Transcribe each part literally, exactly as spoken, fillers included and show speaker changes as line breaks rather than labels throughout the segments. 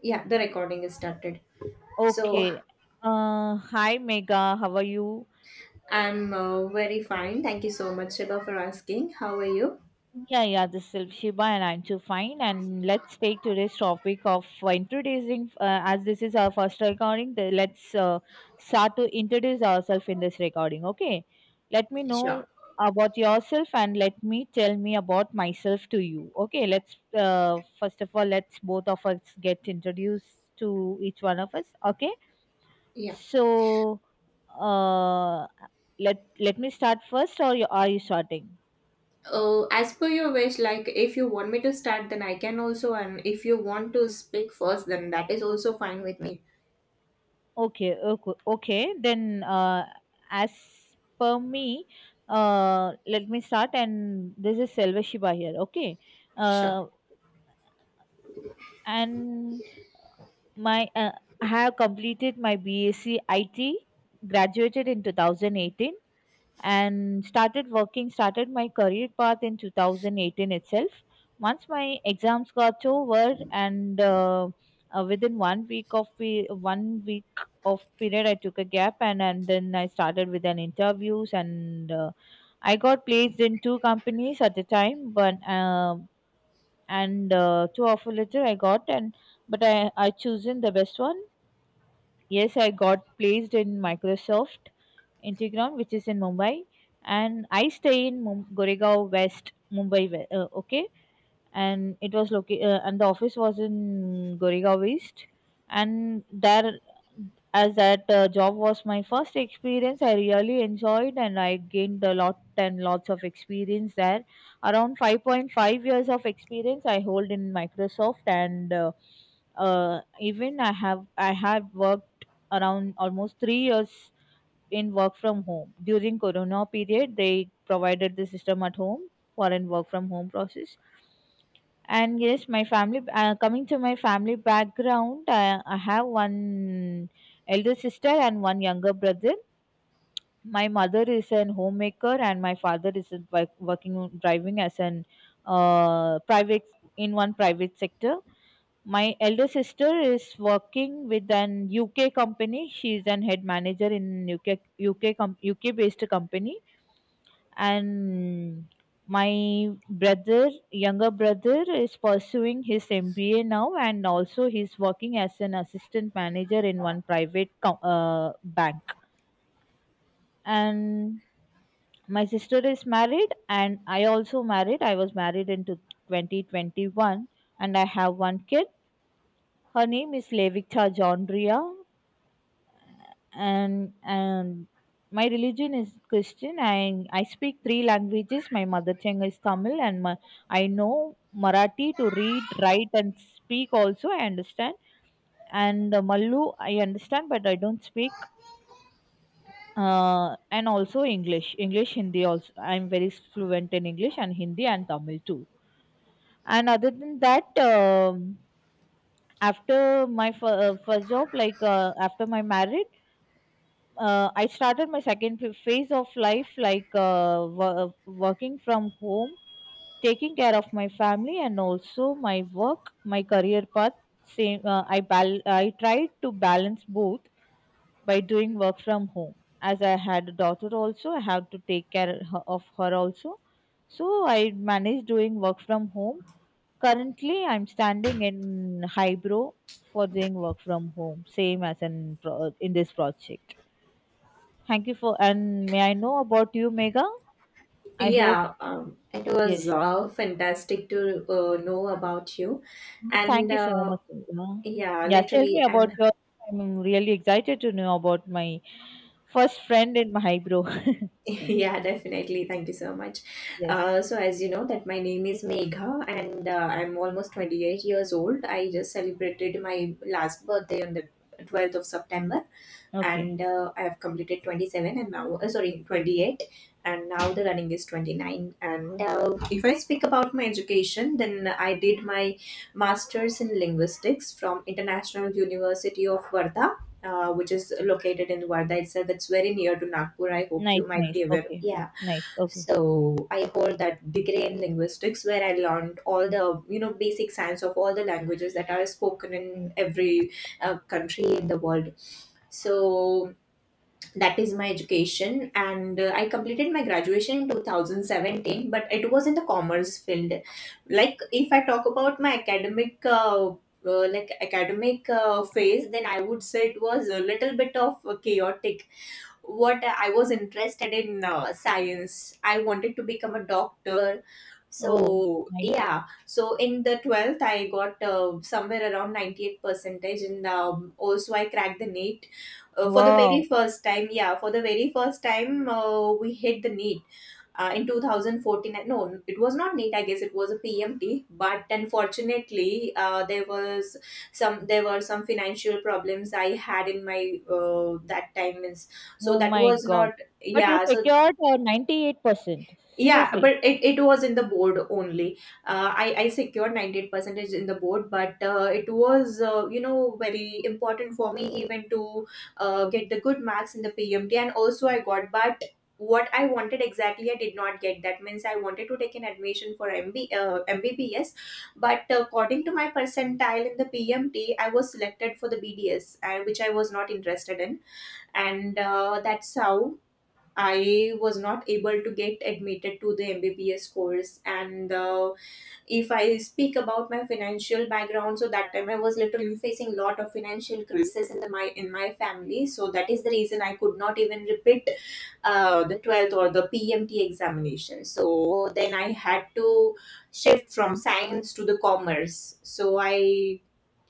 Yeah, the recording is started. So
Okay. Uh, hi Mega, how are you?
I'm uh, very fine. Thank you so much, Shiva, for asking. How are you?
Yeah, yeah, this is Shiba and I'm too fine. And let's take today's topic of uh, introducing, uh, as this is our first recording, the, let's uh, start to introduce ourselves in this recording. Okay. Let me
Sure.
know about yourself and let me tell me about myself to you. Okay. Let's, uh, first of all, let's both of us get introduced to each one of us. Okay.
Yeah.
So, uh, let let me start first, or you, are you starting?
Uh, as per your wish, like if you want me to start, then I can also, and if you want to speak first, then that is also fine with me.
Okay, okay, okay. Then, uh, as per me, uh, let me start. And this is Selva Shiva here. Okay,
Sure.
uh, and my uh, I have completed my BSc I T, graduated in two thousand eighteen, and started working started my career path in two thousand eighteen itself once my exams got over and uh, uh, within one week of pe- one week of period I took a gap and and then I started with an interviews and uh, I got placed in two companies at the time, but uh, and uh, two offer letter I got and, but i i chosen the best one. Yes, I got placed in Microsoft Integround, which is in Mumbai, and I stay in Mum- Goregaon West, Mumbai. We- Uh, okay, and it was located, uh, and the office was in Goregaon West, and there, as that uh, job was my first experience, I really enjoyed and I gained a lot and lots of experience there. Around five point five years of experience I hold in Microsoft, and uh, uh, even I have I have worked around almost three years in work from home during corona period. They provided the system at home for an work from home process. And yes, my family, uh, coming to my family background, I, I have one elder sister and one younger brother. My mother is an homemaker, and my father is a, wo- working driving as an uh, private in one private sector. My elder sister is working with an U K company. She is an head manager in U K, U K com- U K based company, and my brother, younger brother, is pursuing his M B A now, and also he's working as an assistant manager in one private com- uh, bank. And my sister is married, and I also married. I was married in to twenty twenty-one, and I have one kid. Her name is Levita Jondria, and and my religion is Christian. I I speak three languages. My mother tongue is Tamil, and my, I know Marathi to read, write, and speak. Also, I understand. And uh, Mallu, I understand, but I don't speak. Uh, and also English, English, Hindi. Also, I'm very fluent in English and Hindi and Tamil too. And other than that, um, after my f- uh, first job, like uh, after my marriage, uh, I started my second ph- phase of life, like uh, wo- working from home, taking care of my family and also my work, my career path. Same, uh, I bal- I tried to balance both by doing work from home. As I had a daughter, also I had to take care her- of her also, so I managed doing work from home. Currently, I'm standing in Hybro for doing work from home, same as in pro- in this project. Thank you for, and may I know about you, Mega? I hope.
Yeah, um, it was
Yes.
uh, fantastic to uh, know about you,
Yes,
and
thank you so
uh,
much, Megha.
yeah,
Yeah, tell me
literally,
about
and
your. I'm really excited to know about my first friend in my bro.
Yeah, definitely. Thank you so much.
Yes.
Uh, so as you know that my name is Megha, and uh, I'm almost twenty-eight years old. I just celebrated my last birthday on the twelfth of September,
Okay.
and uh, I have completed twenty-seven, and now uh, sorry, twenty-eight, and now the running is twenty-nine. And uh, if I speak about my education, then I did my masters in linguistics from International University of Varda, uh, which is located in Varda itself. It's very near to Nagpur, I hope you
Nice,
might
nice.
be aware.
Okay.
Yeah.
Nice. Okay.
So I hold that degree in linguistics, where I learned all the you know basic science of all the languages that are spoken in every uh, country in the world. So that is my education, and uh, I completed my graduation in two thousand seventeen, but it was in the commerce field. Like, if I talk about my academic. Uh, uh, like academic uh, phase, then I would say it was a little bit of chaotic. What I was interested in uh, science. I wanted to become a doctor.
Oh,
So,
nice.
yeah. So in the twelfth, I got uh, somewhere around ninety eight percentage. And um, also I cracked the NEET uh, for the very
Wow.
first time. Yeah, for the very first time, uh, we hit the NEET uh, in twenty fourteen. No, it was not neat, I guess it was a pmt. But unfortunately, uh, there was some there were some financial problems I had in my uh, that time, means, so
Oh
that
my
was
God.
not.
But you
Yeah. So
secured uh, ninety-eight percent.
yeah,
Seriously.
but it, it was in the board only. uh, i i secured ninety-eight percentage in the board. But uh, it was, uh, you know, very important for me even to uh, get the good marks in the P M T, and also I got. But what I wanted exactly, I did not get, that means I wanted to take an admission for M B, uh, mbbs. But according to my percentile in the pmt, I was selected for the bds, and which I was not interested in. And uh, that's how I was not able to get admitted to the M B B S course. And uh, if I speak about my financial background, so that time I was literally facing a lot of financial crisis in the, my in my family. So that is the reason I could not even repeat uh, the twelfth or the P M T examination. So then I had to shift from science to the commerce. So I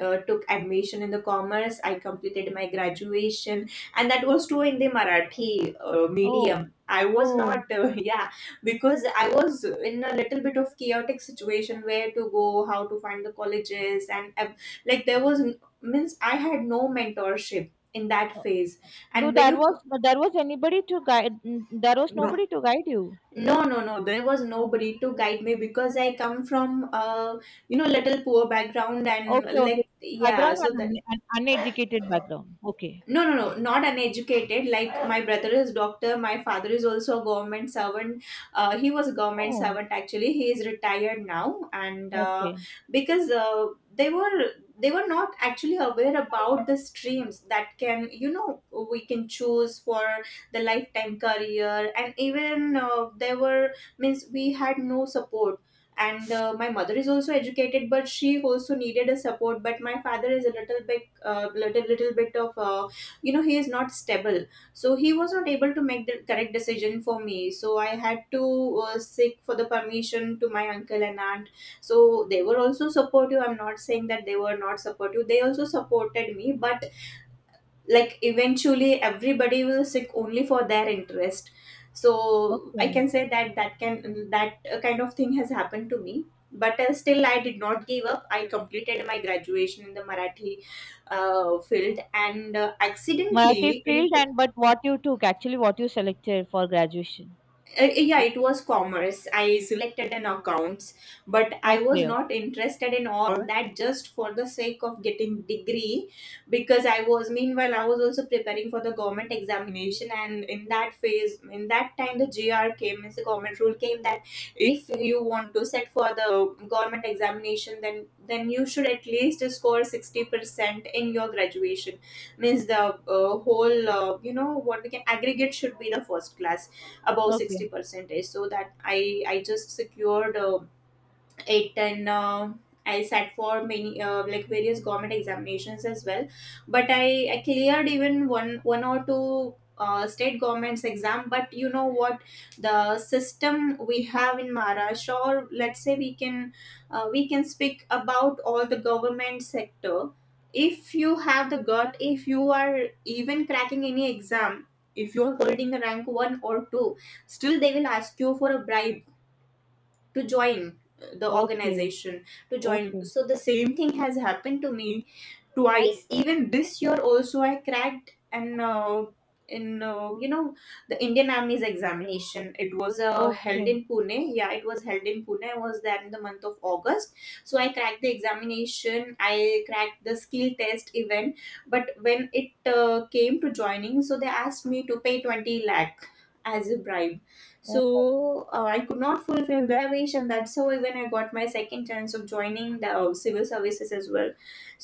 uh, took admission in the commerce. I completed my graduation, and that was too in the Marathi uh,
Oh,
medium. I was
oh.
not, uh, yeah, because I was in a little bit of chaotic situation, where to go, how to find the colleges, and uh, like, there was n- means I had no mentorship in that
Uh,
phase.
Do
And when
that
you.
was, but there was anybody to guide? n- There was
No,
nobody to guide you.
no, no, no. There was nobody to guide me, because I come from a you know little poor background, and
Okay, okay.
like, yeah.
Background
So
and un and uneducated background. Okay.
no, no, no, not uneducated. Like, my brother is doctor, my father is also a government servant. Uh, he was a government
Oh,
servant actually, he is retired now. And uh,
okay,
because uh, they were they were not actually aware about the streams that can, you know, we can choose for the lifetime career. And even uh, there were, means we had no support. And uh, my mother is also educated, but she also needed a support. But my father is a little bit, uh, little little bit of a, you know, he is not stable. So he was not able to make the correct decision for me, so I had to uh, seek for the permission to my uncle and aunt. So they were also supportive, I'm not saying that they were not supportive, they also supported me. But like, eventually everybody will seek only for their interest. So I
okay.
can say that, that can that uh, kind of thing has happened to me. But uh, still, I did not give up. I completed my graduation in the marathi uh, field. And uh,
Marathi
accidentally in,
field, and but what you took, actually what you selected for graduation.
uh, yeah,
O-
it was commerce. I selected an accounts. But I was
Okay, okay,
not interested in all that, just for the sake of getting degree. Because I was meanwhile I was also preparing for the government examination. And in that phase, in that time, the gr came, means the government rule came, that if you want to set for the government examination, then then you should at least score sixty percent in your graduation. Means the uh, whole, uh, you know, what we can aggregate should be the first class, above
okay,
sixty percentage. So that i i just secured uh, eight ten, uh, I sat for many uh, like various government examinations as well. But i i cleared even one one or two uh, state government's exam. But you know what, the system we have in maharashtra, or let's say we can uh, we can speak about all the government sector. If you have the gut, if you are even cracking any exam, if you are holding the rank one or two, still they will ask you for a bribe to join the organization, to join.
okay,
So the same thing has happened to me twice. Even this year also, I cracked. And uh, in, uh, you know, the indian army's examination. It was uh, held
okay.
in pune. Yeah, it was held in pune. I was there in the month of august. So I cracked the examination, I cracked the skill test event. But when it uh, came to joining, so they asked me to pay 20 lakh as a bribe.
Oh,
So uh, I could not fulfill the wish. And that's how when I got my second chance of joining the uh, civil services as well.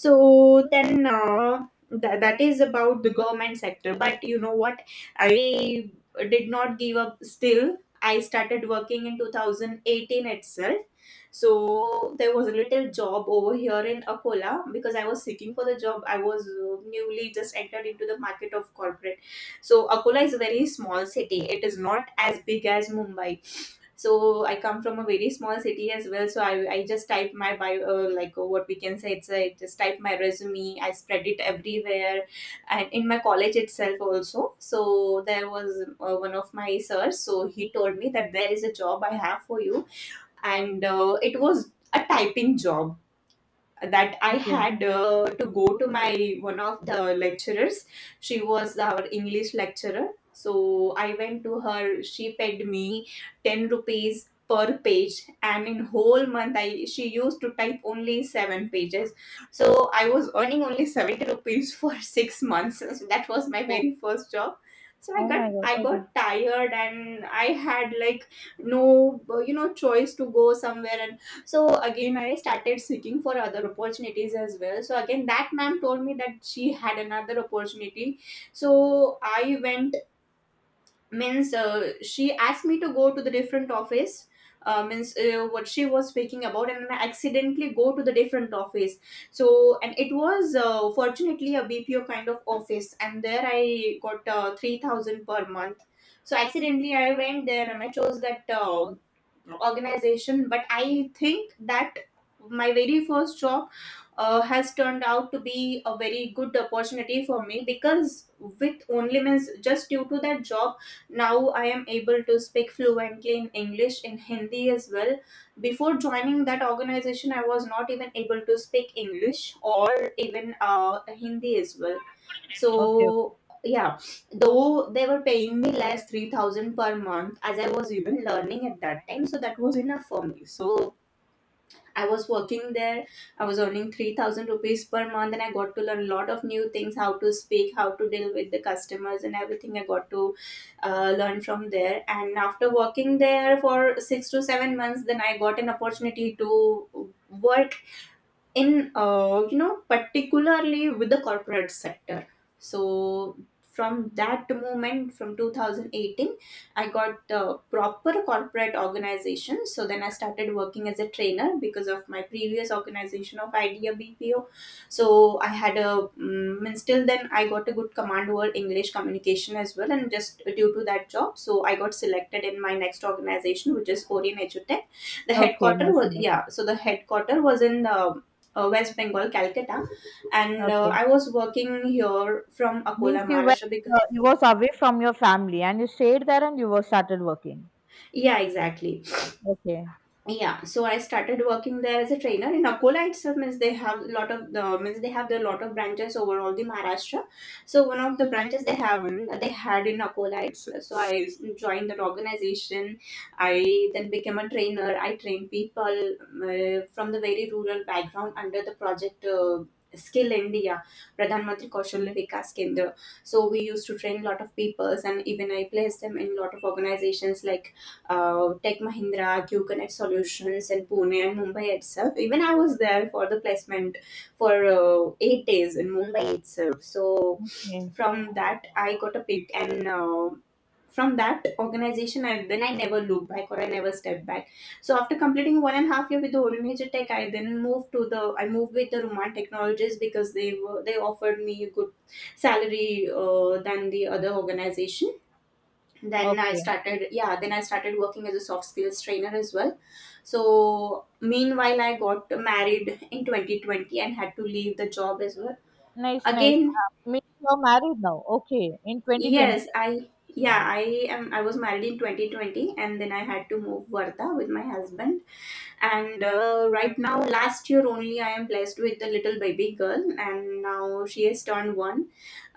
So then uh, that, that is about the government sector. But you know what, I did not give up. Still, I started working in twenty eighteen itself. So there was a little job over here in akola, because I was seeking for the job. I was uh, newly just entered into the market of corporate. So Akola is a very small city. It is not as big as Mumbai. So I come from a very small city as well. So I, I just type my bio, uh, like, uh, what we can say, it's a, just type my resume. I spread it everywhere, and in my college itself also. So there was uh, one of my sirs. So he told me that there is a job I have for you, and uh, it was a typing job that I
okay.
had, uh, to go to my one of the lecturers. She was our English lecturer. So I went to her. She paid me ten rupees per page. And in whole month, I she used to type only seven pages. So I was earning only seventy rupees for six months. So that was my
Oh,
very first job. So i
oh
got
my God.
I got
Okay,
tired, and I had like no, you know choice to go somewhere, and so again, I started seeking for other opportunities as well. So again, that ma'am told me that she had another opportunity. So I went. Means uh, she asked me to go to the different office. Uh, means uh, what she was speaking about, and I accidentally go to the different office. So, and it was uh, fortunately a B P O kind of office, and there I got uh, three thousand per month. So accidentally I went there and I chose that uh, organization. But I think that my very first job uh, has turned out to be a very good opportunity for me, because with only means just due to that job, now I am able to speak fluently in English, in Hindi as well. Before joining that organization, I was not even able to speak English or even uh, Hindi as well.
okay, okay.
So yeah, though they were paying me less, three thousand per month, as I was even learning at that time, so that was enough for me. So I was working there. I was earning three thousand rupees per month, and I got to learn a lot of new things: how to speak, how to deal with the customers and everything I got to uh, learn from there. And after working there for six to seven months, then I got an opportunity to work in, uh, you know particularly with the corporate sector. So from that moment, from twenty eighteen, I got the proper corporate organization. So then I started working as a trainer because of my previous organization of Idea BPO. So I had a mm, means still then I got a good command over English communication as well, and just due to that job, so I got selected in my next organization, which is Orion Edutech. The
Okay,
headquarter
nice,
was,
nice.
yeah, so the headquarter was in uh, uh, West Bengal, Calcutta, and uh,
Okay.
I was working here from
Means
Akola,
you went,
Maharashtra. Because,
uh, you was away from your family and you stayed there and you were started working.
yeah, exactly.
Okay,
Yeah, so I started working there as a trainer in Akola itself. Means they have a lot of the means they have the lot of branches over all the Maharashtra. So one of the branches they have, they had in Akola itself. So I joined that organization. I then became a trainer. I trained people uh, from the very rural background under the project, uh, Skill India, Pradhan Mantri Kaushalya Vikas Kendra. So we used to train a lot of peoples, and even I placed them in a lot of organizations like uh, Tech Mahindra, Q Connect Solutions in Pune and Mumbai itself. Even I was there for the placement for uh, eight days in Mumbai itself. So
okay,
from that, I got a pick, and uh, from that organization, I then I never looked back, or I never stepped back. So after completing one and a half year with the Old Major Tech, I then moved to the I moved with the Ruman Technologies, because they were they offered me a good salary uh, than the other organization. then i
okay.
started yeah then I started working as a soft skills trainer as well. So meanwhile I got married in twenty twenty and had to leave the job as well.
Nice, nice.
Again,
Means you're married now. Okay, in twenty twenty.
yes, I yeah I am I was married in twenty twenty, and then I had to move Varda with my husband. And uh, right now, last year only, I am blessed with a little baby girl, and now she has turned one.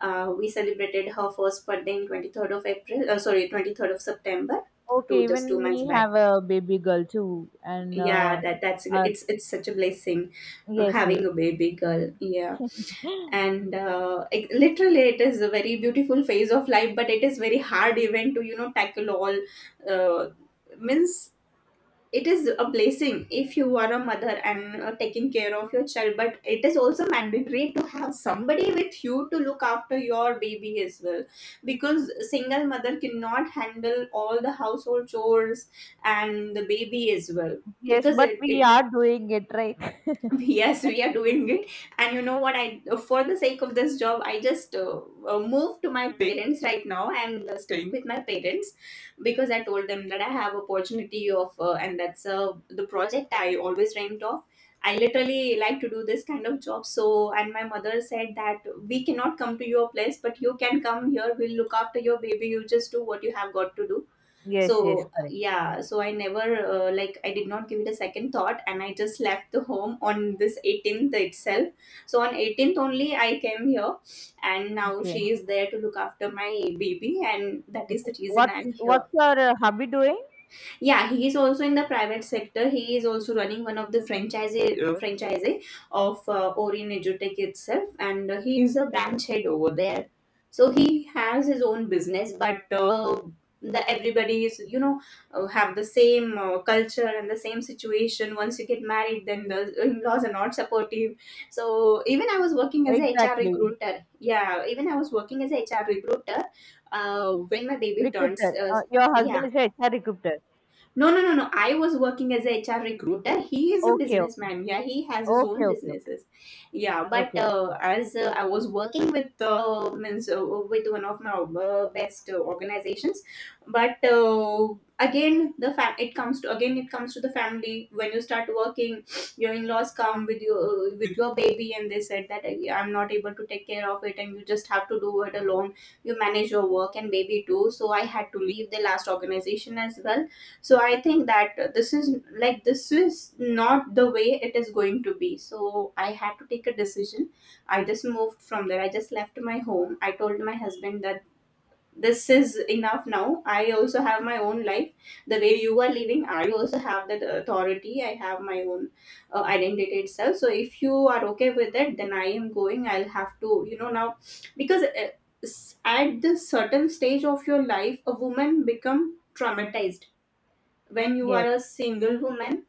uh, We celebrated her first birthday in twenty-third of April, uh, sorry, twenty-third of September,
Okay,
two just two
even
months
me
back.
have a baby girl too, and
Yeah,
uh,
that that's gr-
uh,
it's it's such a blessing uh,
yes, yes.
having a baby girl, yeah. And uh, it, literally it is a very beautiful phase of life, but it is very hard even to, you know, tackle all, uh, means it is a blessing if you are a mother and uh, taking care of your child, but it is also mandatory to have somebody with you to look after your baby as well, because single mother cannot handle all the household chores and the baby as well.
Yes,
Because
but
it,
we
it
are doing it right.
Yes, we are doing it. And you know what, I for the sake of this job, I just uh, uh, moved to my parents. Right now I'm uh, staying with my parents, because I told them that I have opportunity of, uh, and that's uh, the project I always dreamt of. I literally like to do this kind of job. So, and my mother said that, "We cannot come to your place, but you can come here. We'll look after your baby. You just do what you have got to do."
Yes, yes,
So
correct.
yeah, so I never uh, like, I did not give it a second thought, and I just left the home on this eighteenth itself. So on eighteenth only I came here, and now
Okay,
she is there to look after my baby, and that is
okay.
the reason
What's
I'm here.
what's your uh, hubby doing?
Yeah, he is also in the private sector. He is also running one of the franchise uh, franchise of uh, Orin Edutech itself, and uh, he is a branch head over there. So he has his own business, but uh, the everybody is, you know, uh, have the same uh, culture and the same situation. Once you get married, then the in-laws are not supportive. So even I was working as a H R
Exactly.
recruiter. Yeah, even I was working as a H R recruiter uh, when my baby turns.
Recruiter.
Uh,
Uh, your
yeah
husband is a H R recruiter.
no, no, no, no. I was working as a H R recruiter. He is a
Okay, okay,
businessman. Yeah, he has his
okay,
own
okay, okay.
businesses. Yeah, but
Okay. Okay.
uh, as uh, I was working with, uh, means uh, with one of my uh, best uh, organizations, but uh, again the fam- it comes to, again it comes to the family. When you start working, your in-laws come with your, uh, with your baby, and they said that, "I- I'm not able to take care of it, and you just have to do it alone. You manage your work and baby too." So I had to leave the last organization as well. So I think that, uh, this is like, this is not the way it is going to be. So I had to take a decision. I just moved from there. I just left my home. I told my husband that this is enough. Now I also have my own life. The way you are living, I also have that authority. I have my own uh, identity itself. So if you are okay with it, then I am going. I'll have to, you know, now, because uh, s- at this certain stage of your life, a woman become traumatized. When you are
Yes,
a single woman,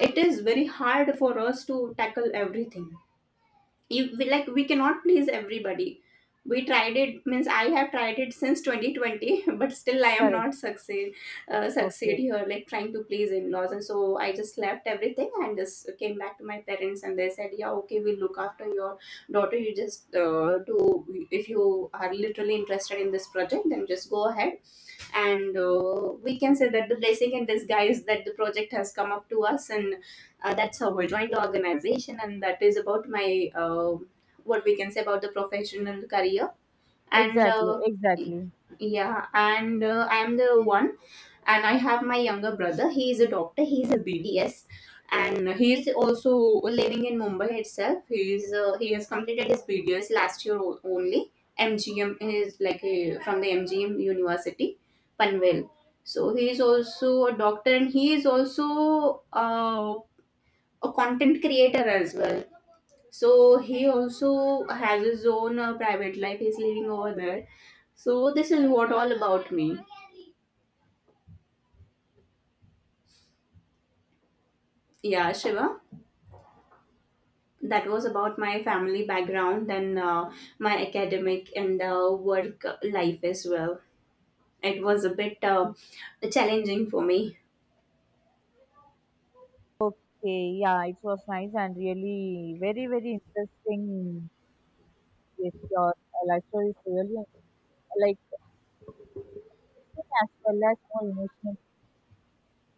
it is very hard for us to tackle everything. You, we, like, we cannot please everybody. We tried it means I have tried it since twenty twenty, but still I am
correct.
not succeed uh, succeed
Okay.
here, like trying to please in-laws. And so I just left everything and just came back to my parents, and they said, "Yeah, okay, we'll look after your daughter. You just uh, do, if you are literally interested in this project, then just go ahead." And uh, we can say that the blessing in disguise that the project has come up to us, and uh, that's how we joined the organization. And that is about my uh, what we can say about the professional career. and
Exactly,
uh,
exactly.
yeah and uh, I am the one, and I have my younger brother. He is a doctor. He is a B D S, and he is also living in Mumbai itself. He is uh, he has completed his B D S last year o- only. M G M is like a, from the M G M University, Panvel. So he is also a doctor, and he is also uh, a content creator as well. So he also has his own uh, private life. He's living over there. So this is what all about me. Yeah, Shiva, that was about my family background and uh, my academic and uh, work life as well. It was a bit uh, challenging for me.
Okay, yeah, it was nice and really very, very interesting with your uh, life story. Is really, like, interesting as well as more emotional.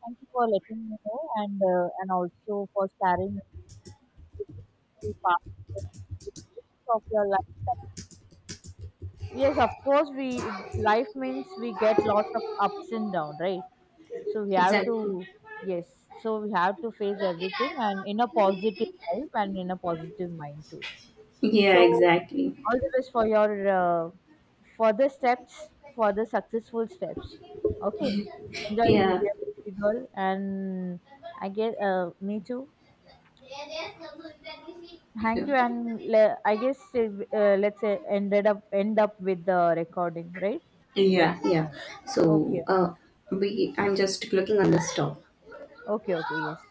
Thank you for letting me know, and uh, and also for sharing with the past of your life. Yes, of course, we life means we get lots of ups and downs, right? So we have
Exactly.
to. Yes, so we have to face everything and in a positive life and in a positive mind too.
Yeah,
So
exactly.
all the best for your uh, further steps, further successful steps. Okay, enjoy with
Yeah.
your baby girl, and I guess uh, me too.
Yeah.
Thank you, and le- I guess uh, let's uh, ended up end up with the recording, right?
Yeah, yeah.
Okay,
So, uh, we I'm just looking on the stock.
okay, okay. Yes.